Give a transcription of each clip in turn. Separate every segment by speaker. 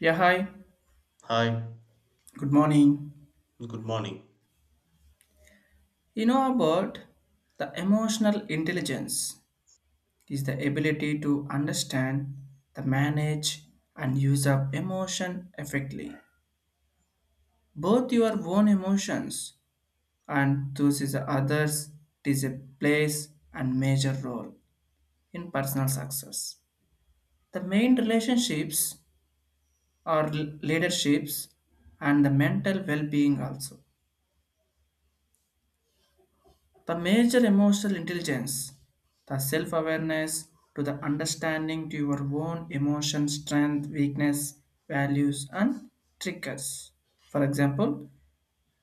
Speaker 1: Yeah, hi.
Speaker 2: Hi,
Speaker 1: Good morning.
Speaker 2: good morning.
Speaker 1: You know about the emotional intelligence is the ability to understand, the manage and use of emotion effectively. Both your own emotions and those is the others is a place and major role in personal success. The main relationships or leaderships and the mental well-being also. The major emotional intelligence, the self awareness to the understanding to your own emotion, strength, weakness, values, and triggers. For example,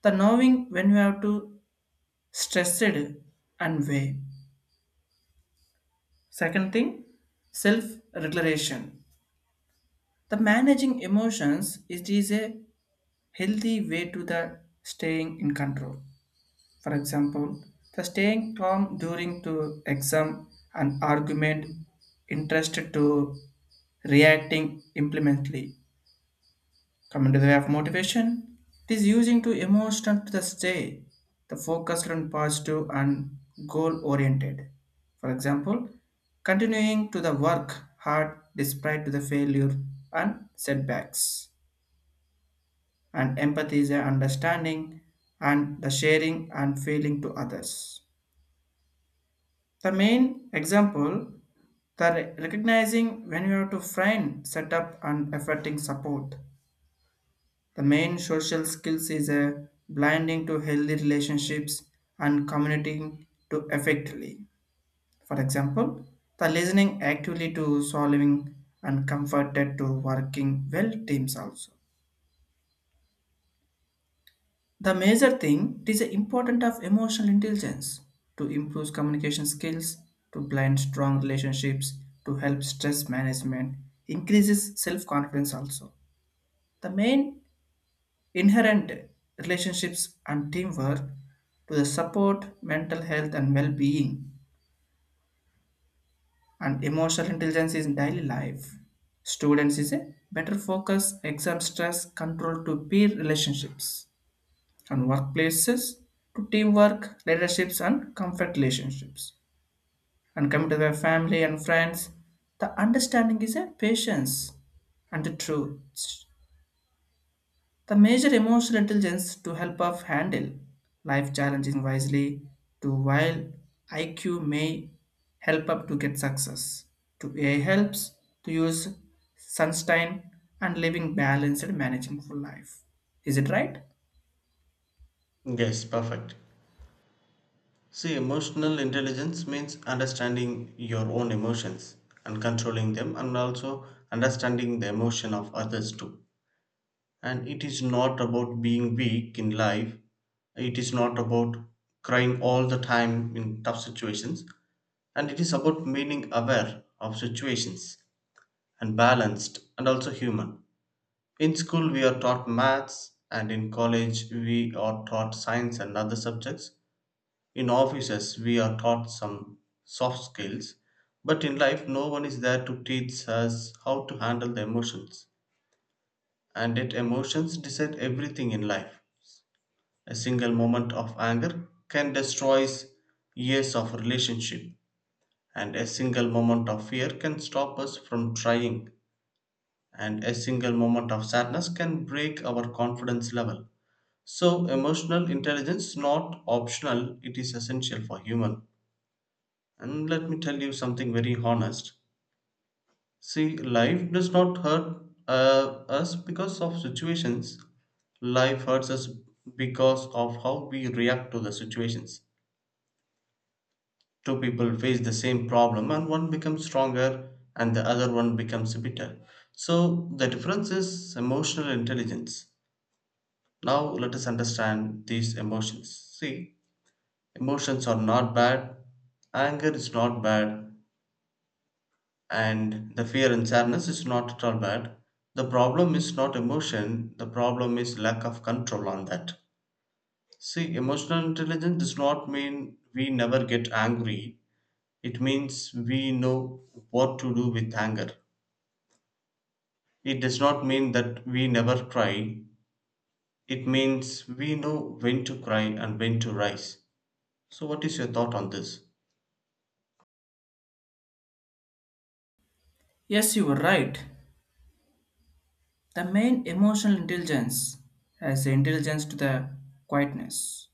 Speaker 1: the knowing when you have to stress it and weigh. Second thing, self regulation. The managing emotions it is a healthy way to the staying in control. For example, the staying calm during to exam and argument interested to reacting implemently. Coming to the way of motivation, it is using to emotional to the stay, the focused on positive and goal oriented. For example, continuing to the work hard despite to the failure and setbacks. And empathy is the understanding and the sharing and feeling to others. The main example, the recognizing when you have to find setup and effecting support. The main social skills is a blinding to healthy relationships and communicating to effectively. For example, the listening actively to solving and comforted to working well teams also. The major thing is the importance of emotional intelligence to improve communication skills, to blend strong relationships, to help stress management, increases self-confidence also. The main inherent relationships and teamwork to the support mental health and well-being and emotional intelligence in daily life. Students is a better focus, exam stress, control to peer relationships. And workplaces to teamwork, leaderships, and comfort relationships. And coming to the family and friends, the understanding is a patience and the truth. The major emotional intelligence to help us handle life challenges wisely, to while IQ may help up to get success. To AI helps to use sunshine and living balanced and managing for life. Is it right?
Speaker 2: Yes, perfect. See, emotional intelligence means understanding your own emotions and controlling them, and also understanding the emotion of others too. And it is not about being weak in life, it is not about crying all the time in tough situations, and it is about being aware of situations and balanced and also human. In school, we are taught maths, and in college, we are taught science and other subjects. In offices, we are taught some soft skills. But in life, no one is there to teach us how to handle the emotions. And yet, emotions decide everything in life. A single moment of anger can destroy years of relationship, and a single moment of fear can stop us from trying, and a single moment of sadness can break our confidence level. So, emotional intelligence is not optional, it is essential for human. And let me tell you something very honest. See, life does not hurt us because of situations. Life hurts us because of how we react to the situations. Two people face the same problem, and one becomes stronger and the other one becomes bitter. So, the difference is emotional intelligence. Now, let us understand these emotions. See, emotions are not bad, anger is not bad, and the fear and sadness is not at all bad. The problem is not emotion, the problem is lack of control on that. See, emotional intelligence does not mean we never get angry. It means we know what to do with anger. It does not mean that we never cry. It means we know when to cry and when to rise. So, what is your thought on this?
Speaker 1: Yes, you were right. The main emotional intelligence has intelligence to the quietness.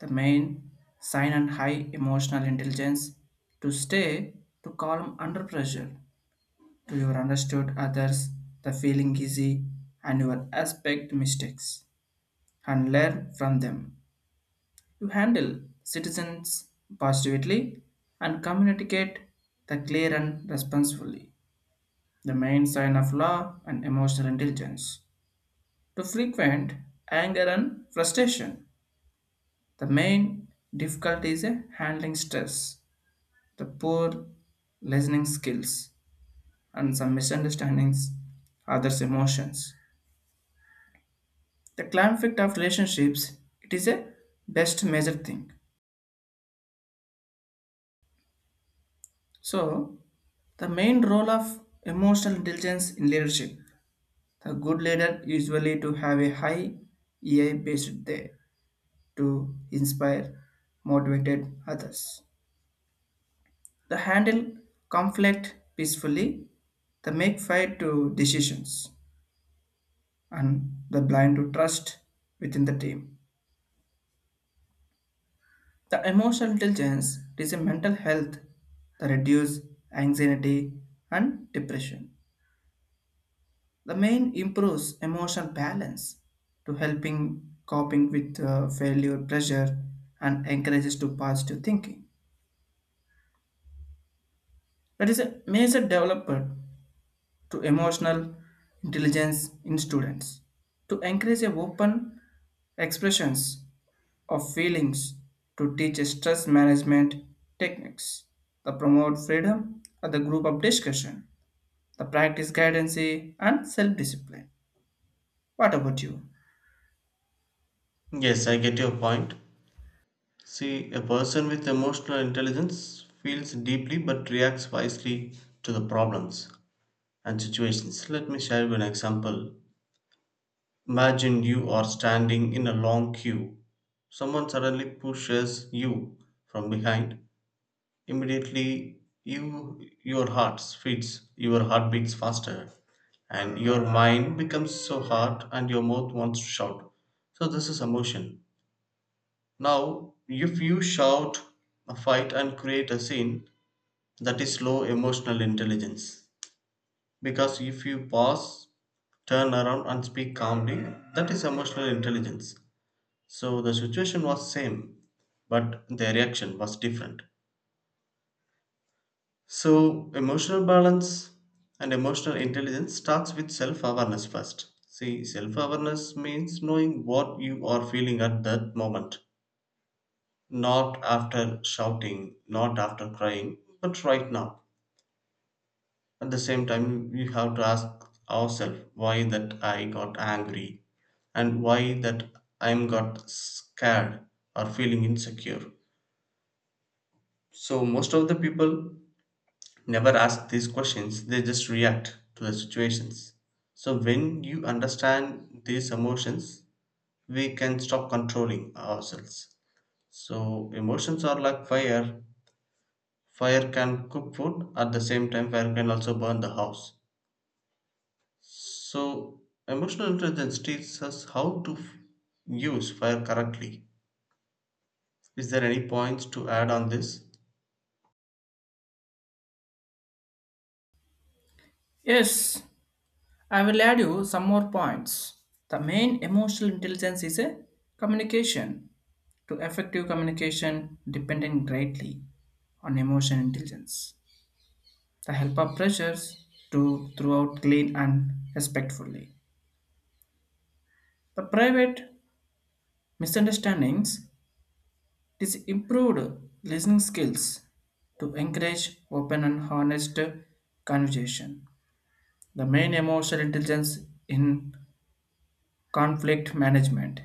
Speaker 1: The main sign and high emotional intelligence to stay to calm under pressure, to your understood others, the feeling easy, and your aspect mistakes and learn from them. You handle citizens positively and communicate the clear and responsibly. The main sign of law and emotional intelligence. To frequent anger and frustration. The main difficulty is a handling stress, the poor listening skills, and some misunderstandings, others' emotions. The conflict of relationships, it is a best major thing. So, the main role of emotional intelligence in leadership. The good leader usually to have a high EI based there to inspire, motivated others. The handle conflict peacefully, the make fight to decisions, and the blind to trust within the team. The emotional intelligence is a mental health that reduce anxiety and depression. The main improves emotional balance to helping coping with failure, pressure, and encourages to positive thinking. That is a major developer to emotional intelligence in students, to encourage a open expressions of feelings, to teach stress management techniques, the promote freedom at the group of discussion, the practice guidance and self-discipline. What about you?
Speaker 2: Yes, I get your point. See, a person with emotional intelligence feels deeply but reacts wisely to the problems and situations. Let me share you an example. Imagine you are standing in a long queue. Someone suddenly pushes you from behind. Immediately, your heart beats faster, and your mind becomes so hard, and your mouth wants to shout. So this is emotion. Now, if you shout, fight, and create a scene, that is low emotional intelligence. Because if you pause, turn around, and speak calmly, that is emotional intelligence. So the situation was same, but the reaction was different. So emotional balance and emotional intelligence starts with self-awareness first. See, self-awareness means knowing what you are feeling at that moment, not after shouting, not after crying, but right now. At the same time, we have to ask ourselves why that I got angry and why that I'm got scared or feeling insecure. So most of the people never ask these questions, they just react to the situations. So when you understand these emotions, we can stop controlling ourselves. So emotions are like fire. Fire can cook food, at the same time, fire can also burn the house. So, emotional intelligence teaches us how to use fire correctly. Is there any points to add on this?
Speaker 1: Yes, I will add you some more points. The main emotional intelligence is a communication. To effective communication depending greatly on emotional intelligence. The helper pressures to throughout clean and respectfully. The private misunderstandings is improved listening skills to encourage open and honest conversation. The main emotional intelligence in conflict management.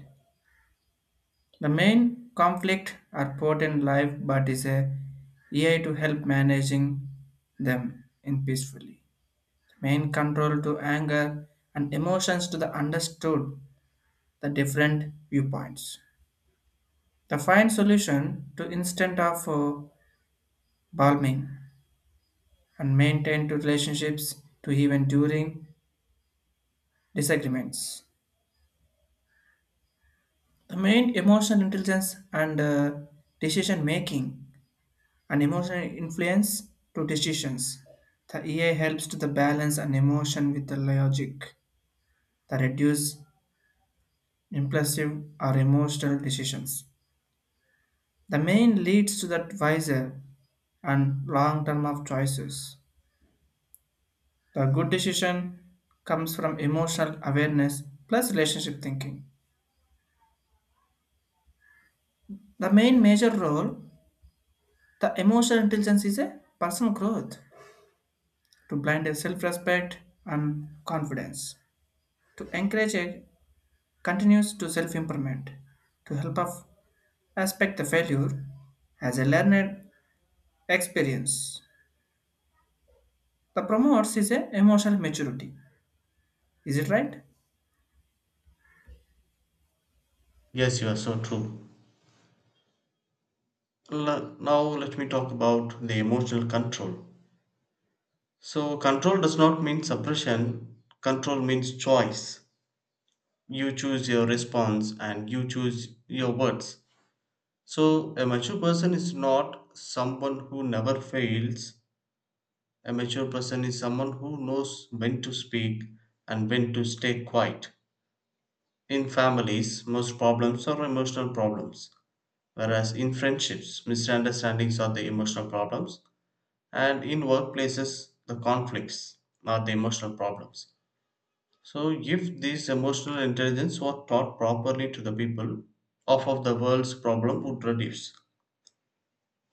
Speaker 1: The main conflict are put in life but is a AI to help managing them in peacefully. Main control to anger and emotions to the understood the different viewpoints. The find solution to instant of balming and maintain to relationships to even during disagreements. The main emotional intelligence and decision making and emotional influence to decisions. The EA helps to the balance an emotion with the logic that reduce impulsive or emotional decisions. The main leads to the wiser and long term of choices. The good decision comes from emotional awareness plus relationship thinking. The main major role the emotional intelligence is a personal growth to blind a self-respect and confidence, to encourage a continuous to self-improvement, to help us aspect the failure as a learned experience. The promotes is a emotional maturity. Is it right?
Speaker 2: Yes, you are so true. Now, let me talk about the emotional control. So, control does not mean suppression, control means choice. You choose your response and you choose your words. So, a mature person is not someone who never fails. A mature person is someone who knows when to speak and when to stay quiet. In families, most problems are emotional problems, whereas in friendships, misunderstandings are the emotional problems, and in workplaces, the conflicts are the emotional problems. So, if this emotional intelligence were taught properly to the people, half of the world's problem would reduce.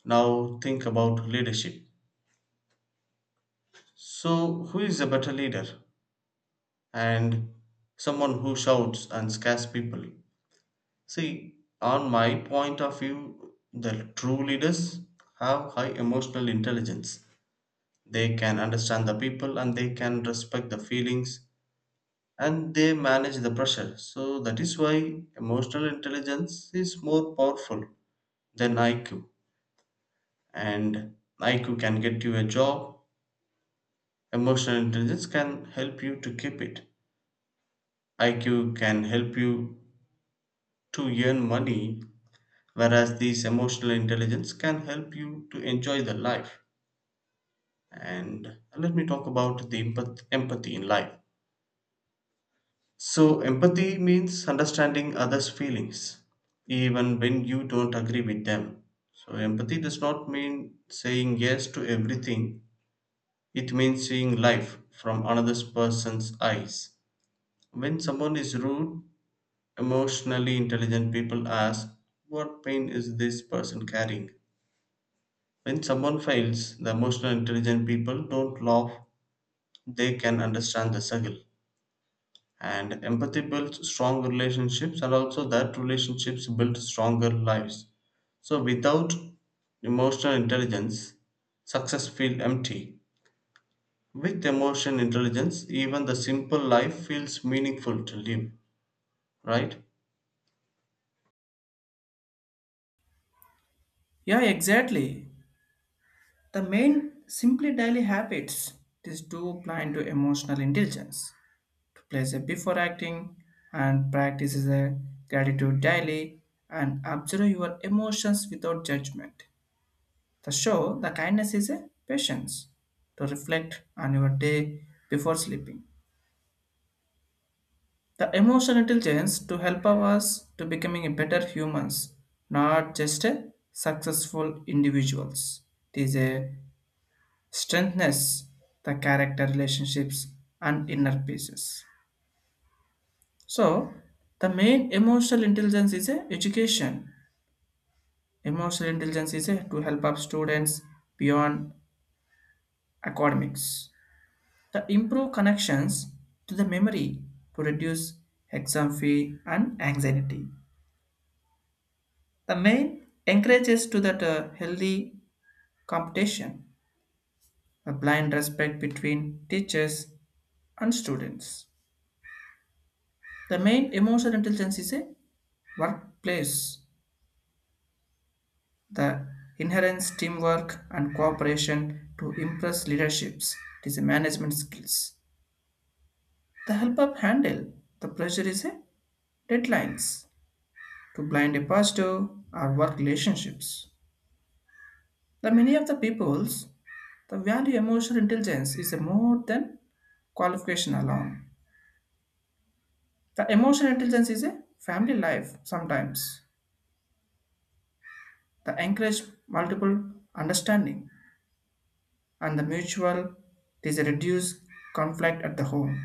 Speaker 2: Now, think about leadership. So, who is a better leader? And someone who shouts and scares people. See, on my point of view, the true leaders have high emotional intelligence. They can understand the people and they can respect the feelings and they manage the pressure. So, that is why emotional intelligence is more powerful than IQ. And IQ can get you a job, emotional intelligence can help you to keep it. IQ can help you to earn money. Whereas this emotional intelligence can help you to enjoy the life. And let me talk about the empathy in life. So, empathy means understanding others' feelings, even when you don't agree with them. So, empathy does not mean saying yes to everything, it means seeing life from another person's eyes. When someone is rude, emotionally intelligent people ask, what pain is this person carrying? When someone fails, the emotional intelligent people don't laugh, they can understand the struggle. And empathy builds strong relationships, and also that relationships build stronger lives. So, without emotional intelligence, success feels empty. With emotional intelligence, even the simple life feels meaningful to live, right?
Speaker 1: Yeah, exactly. The main simply daily habits. These two play into emotional intelligence. To place a before acting and practice is a gratitude daily and observe your emotions without judgment. The show the kindness is a patience to reflect on your day before sleeping. The emotional intelligence to help us to becoming a better humans, not just a successful individuals. It is a strengthens the character relationships and inner peace. So the main emotional intelligence is a education. Emotional intelligence is a, to help up students beyond academics, the improve connections to the memory to reduce exam fee and anxiety, the main encourages to that healthy competition, the blind respect between teachers and students. The main emotional intelligence is a workplace. The inherent teamwork and cooperation to impress leaderships. It is a management skills. The help up handle. The pressure is a deadlines to blind a positive or work relationships. The many of the peoples, the value emotional intelligence is a more than qualification alone. The emotional intelligence is a family life sometimes. The encourage multiple understanding and the mutual, it is a reduced conflict at the home.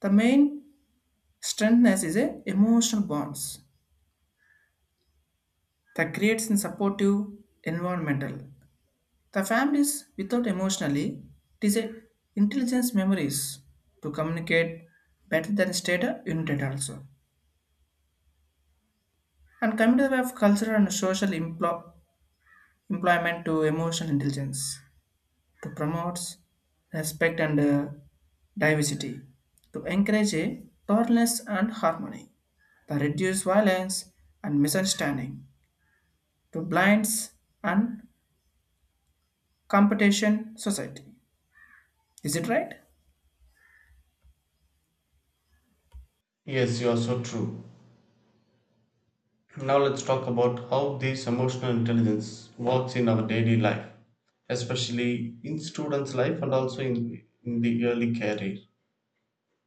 Speaker 1: The main strengthness is a emotional bonds that creates in supportive environmental. The families without emotionally it is a intelligence memories to communicate better than state united also. And community of cultural and social employment to emotional intelligence. To promotes respect and diversity, to encourage a tolerance and harmony, to reduce violence and misunderstanding, to blinds and competition society. Is it right?
Speaker 2: Yes, you are so true. Now let's talk about how this emotional intelligence works in our daily life, especially in students' life and also in the early career.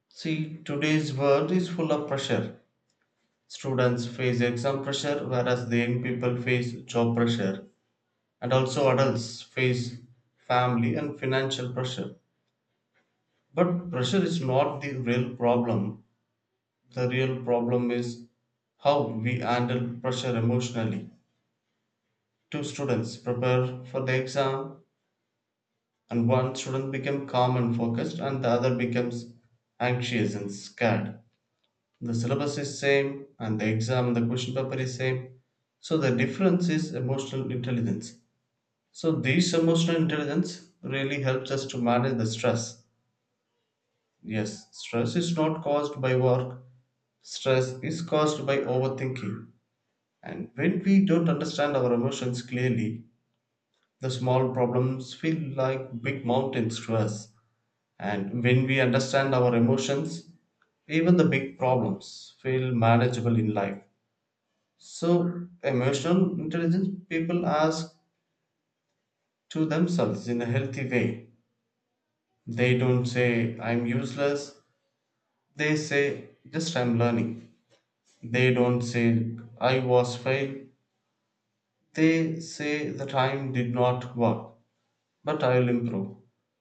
Speaker 2: See, today's world is full of pressure. Students face exam pressure, whereas the young people face job pressure, and also adults face family and financial pressure. But pressure is not the real problem. The real problem is how we handle pressure emotionally. Two students prepare for the exam, and one student becomes calm and focused, and the other becomes anxious and scared. The syllabus is same, and the exam, and the question paper is same. So the difference is emotional intelligence. So this emotional intelligence really helps us to manage the stress. Yes, stress is not caused by work. Stress is caused by overthinking. And when we don't understand our emotions clearly, the small problems feel like big mountains to us, and when we understand our emotions, even the big problems feel manageable in life. So, emotional intelligence people ask to themselves in a healthy way. They don't say, I'm useless, they say, just I'm learning. They don't say, I was failed, they say, the time did not work, but I'll improve.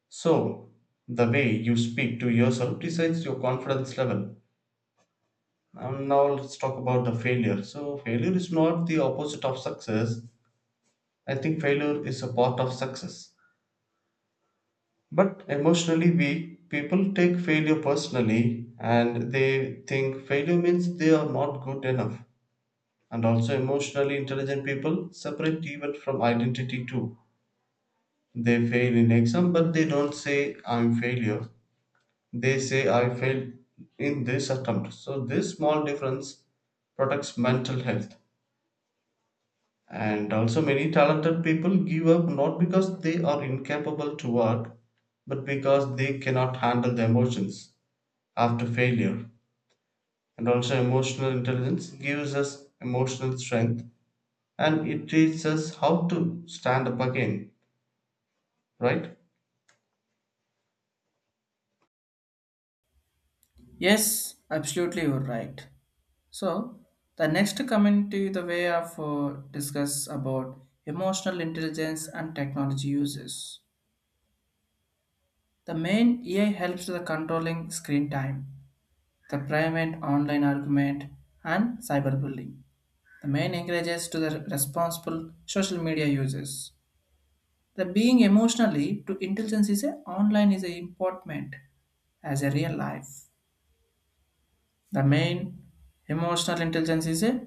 Speaker 2: So, the way you speak to yourself decides your confidence level. And now let's talk about the failure. So, failure is not the opposite of success. I think failure is a part of success. But emotionally weak people take failure personally and they think failure means they are not good enough. And also, emotionally intelligent people separate even from identity too. They fail in exam, but they don't say, I'm failure. They say I failed in this attempt. So this small difference protects mental health. And also many talented people give up not because they are incapable to work, but because they cannot handle the emotions after failure. And also emotional intelligence gives us emotional strength and it teaches us how to stand up again, right?
Speaker 1: Yes, absolutely, you're right. So the next coming to the way of discuss about emotional intelligence and technology uses. The main AI helps the controlling screen time, the private online argument, and cyberbullying. The main encourages to the responsible social media users. The being emotionally to intelligence is a online is a important as a real life. The main emotional intelligence is a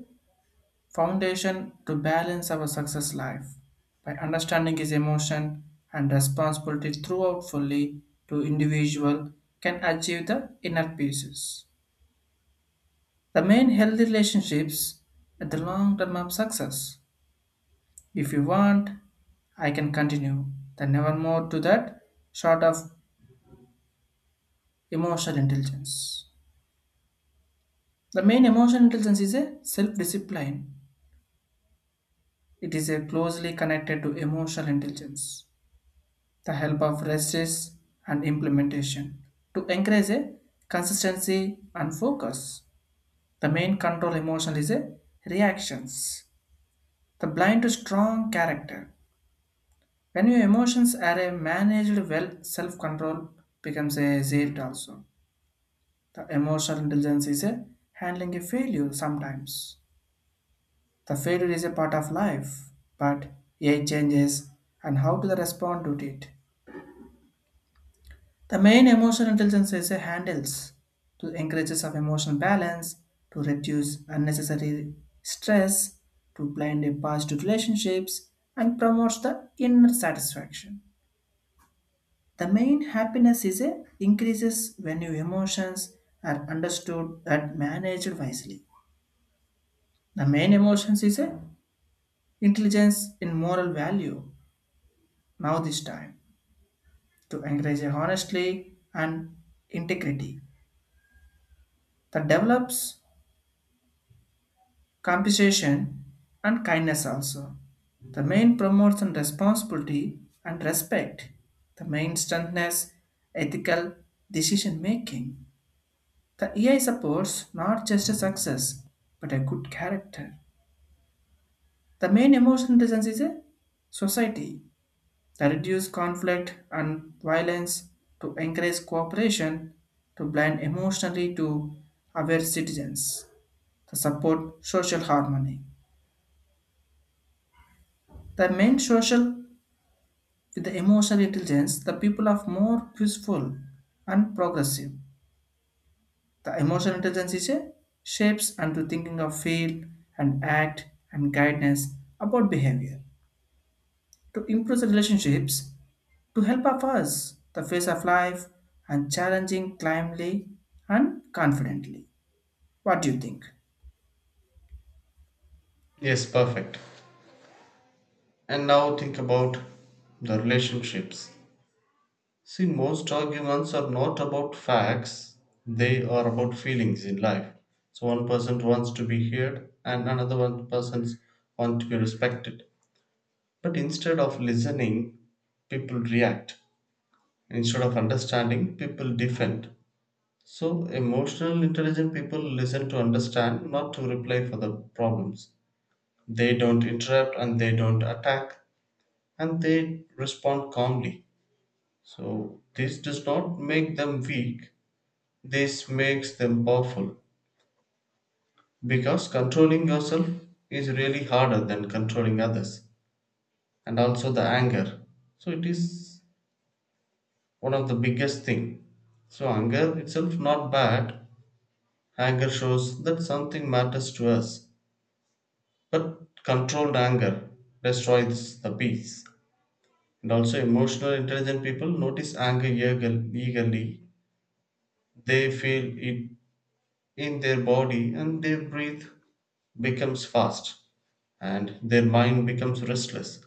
Speaker 1: foundation to balance our success life by understanding his emotion and responsibility throughout fully to individual can achieve the inner pieces. The main healthy relationships at the long term of success. If you want, I can continue. Then never more to that short of emotional intelligence. The main emotional intelligence is a self-discipline. It is a closely connected to emotional intelligence. The help of research and implementation to encourage a consistency and focus. The main control emotion is a reactions. The blind to strong character. When your emotions are a managed well, self-control becomes a zeal also. The emotional intelligence is a handling a failure sometimes. The failure is a part of life, but AI changes and how to respond to it. The main emotional intelligence is a handles to encourages of emotional balance, to reduce unnecessary stress, to blend a positive relationships, and promotes the inner satisfaction. The main happiness is a increases when your emotions are understood and managed wisely. The main emotions is a intelligence in moral value. Now this time to encourage a honestly and integrity that develops compensation and kindness also. The main promotes and responsibility and respect. The main strengthens ethical decision making. The AI supports not just a success, but a good character. The main emotional reasons is a society that reduce conflict and violence, to encourage cooperation, to blend emotionally to aware citizens, to support social harmony. The main social with the emotional intelligence, the people are more peaceful and progressive. The emotional intelligence is a shapes and to thinking of feel and act and guidance about behavior. To improve the relationships, to help of us the face of life and challenging climbly and confidently. What do you think?
Speaker 2: Yes, perfect. And now think about the relationships. See, most arguments are not about facts, they are about feelings in life. So, one person wants to be heard, and another one person wants to be respected. But instead of listening, people react. Instead of understanding, people defend. So, emotional intelligent people listen to understand, not to reply for the problems. They don't interrupt and they don't attack and they respond calmly. So, this does not make them weak. This makes them powerful because controlling yourself is really harder than controlling others and also the anger. So it is one of the biggest thing. So anger itself not bad. Anger shows that something matters to us. But controlled anger destroys the peace. And also emotional intelligent people notice anger eagerly. They feel it in their body and their breath becomes fast and their mind becomes restless.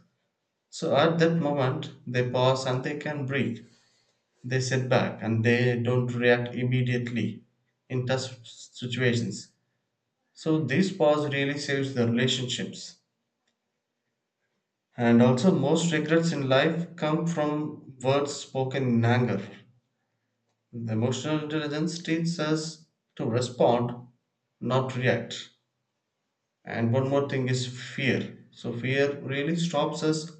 Speaker 2: So at that moment, they pause and they can breathe. They sit back and they don't react immediately in tough situations. So this pause really saves the relationships. And also, most regrets in life come from words spoken in anger. The emotional intelligence teaches us to respond, not react. And one more thing is fear. So, fear really stops us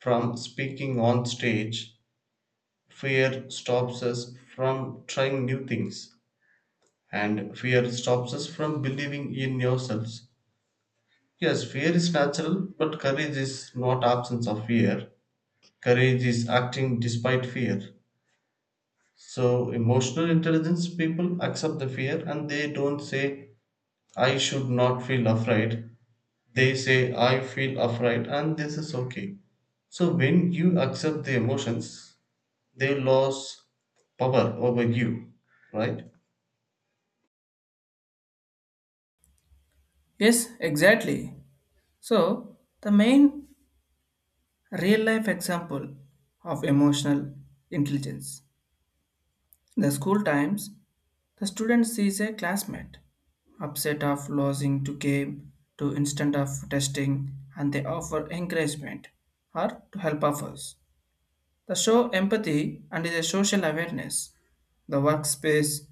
Speaker 2: from speaking on stage, fear stops us from trying new things, and fear stops us from believing in yourselves. Yes, fear is natural, but courage is not absence of fear. Courage is acting despite fear. So, emotional intelligence people accept the fear and they don't say, I should not feel afraid. They say, I feel afraid, and this is okay. So, when you accept the emotions, they lose power over you, right?
Speaker 1: Yes, exactly. So the main real life example of emotional intelligence. In the school times, the student sees a classmate upset of losing to game to instant of testing and they offer encouragement or to help others. The show empathy and is a social awareness. The workspace,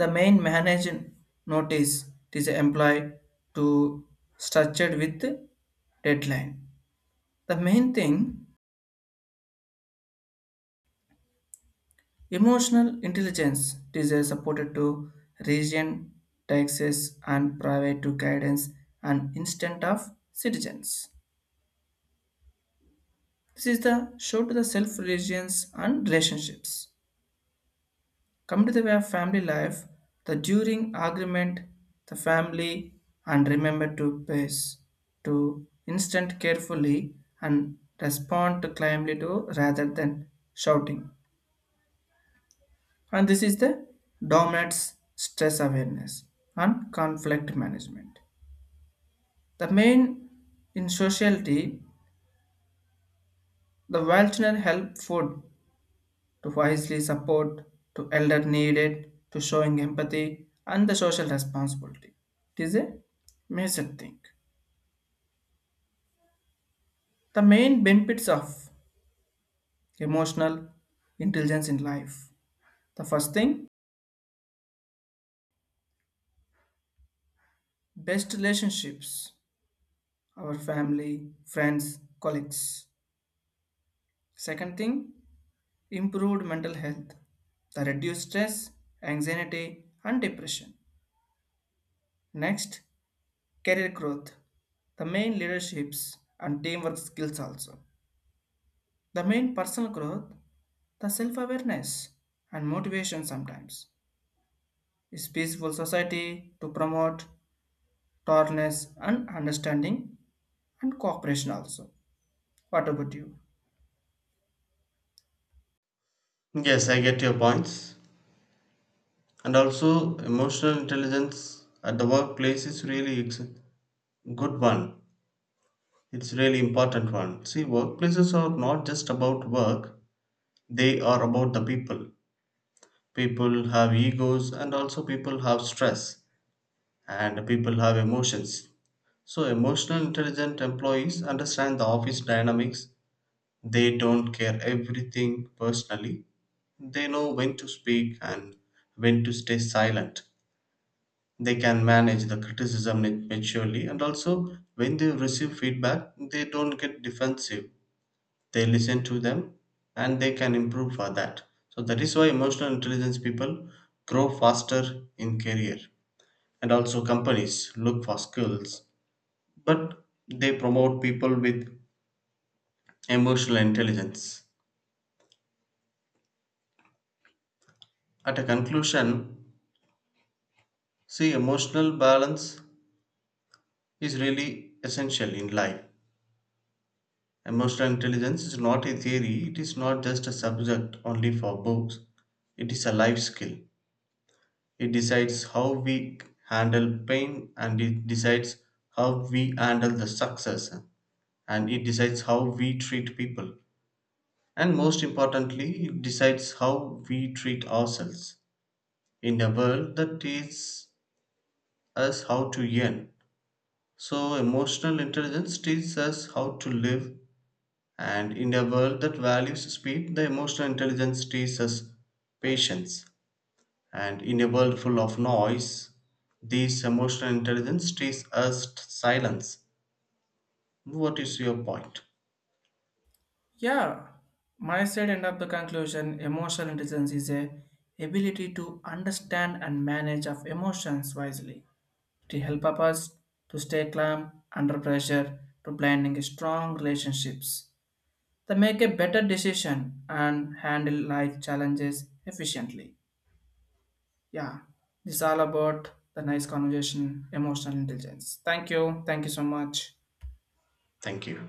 Speaker 1: the main manager notice it is employed to structured with deadline. The main thing emotional intelligence is a supported to region, taxes, and private to guidance and instant of citizens. This is the show to the self religions and relationships. Come to the way of family life, the during argument, the family, and remember to pace, to instant carefully and respond to calmly to rather than shouting. And this is the dominates stress awareness and conflict management. The main in sociality, the welfare help food to wisely support to elder needed to showing empathy and the social responsibility, it is a major thing. The main benefits of emotional intelligence in life. The first thing, best relationships, our family, friends, colleagues. Second thing, improved mental health, the reduced stress, anxiety, and depression. Next, career growth, the main leaderships and teamwork skills also. The main personal growth, the self awareness and motivation sometimes. Is peaceful society to promote tolerance and understanding and cooperation also. What about you?
Speaker 2: Yes, I get your points. And also, emotional intelligence at the workplace is really it's a good one. It's really important one. See, workplaces are not just about work; they are about the people. People have egos, and also people have stress, and people have emotions. So, emotional intelligent employees understand the office dynamics. They don't care everything personally. They know when to speak and when to stay silent. They can manage the criticism maturely and also when they receive feedback, they don't get defensive. They listen to them and they can improve for that. So that is why emotional intelligence people grow faster in career and also companies look for skills but they promote people with emotional intelligence. At a conclusion, see, emotional balance is really essential in life. Emotional intelligence is not a theory, it is not just a subject only for books, it is a life skill. It decides how we handle pain, and it decides how we handle the success, and it decides how we treat people. And most importantly, it decides how we treat ourselves in a world that teaches us how to yearn. So, emotional intelligence teaches us how to live, and in a world that values speed, the emotional intelligence teaches us patience. And in a world full of noise, this emotional intelligence teaches us silence. What is your point?
Speaker 1: Yeah, my side end up the conclusion emotional intelligence is a ability to understand and manage of emotions wisely to help up us to stay calm under pressure, to blending strong relationships, to make a better decision and handle life challenges efficiently. Yeah, this is all about the nice conversation, emotional intelligence. Thank you. Thank you so much.
Speaker 2: Thank you.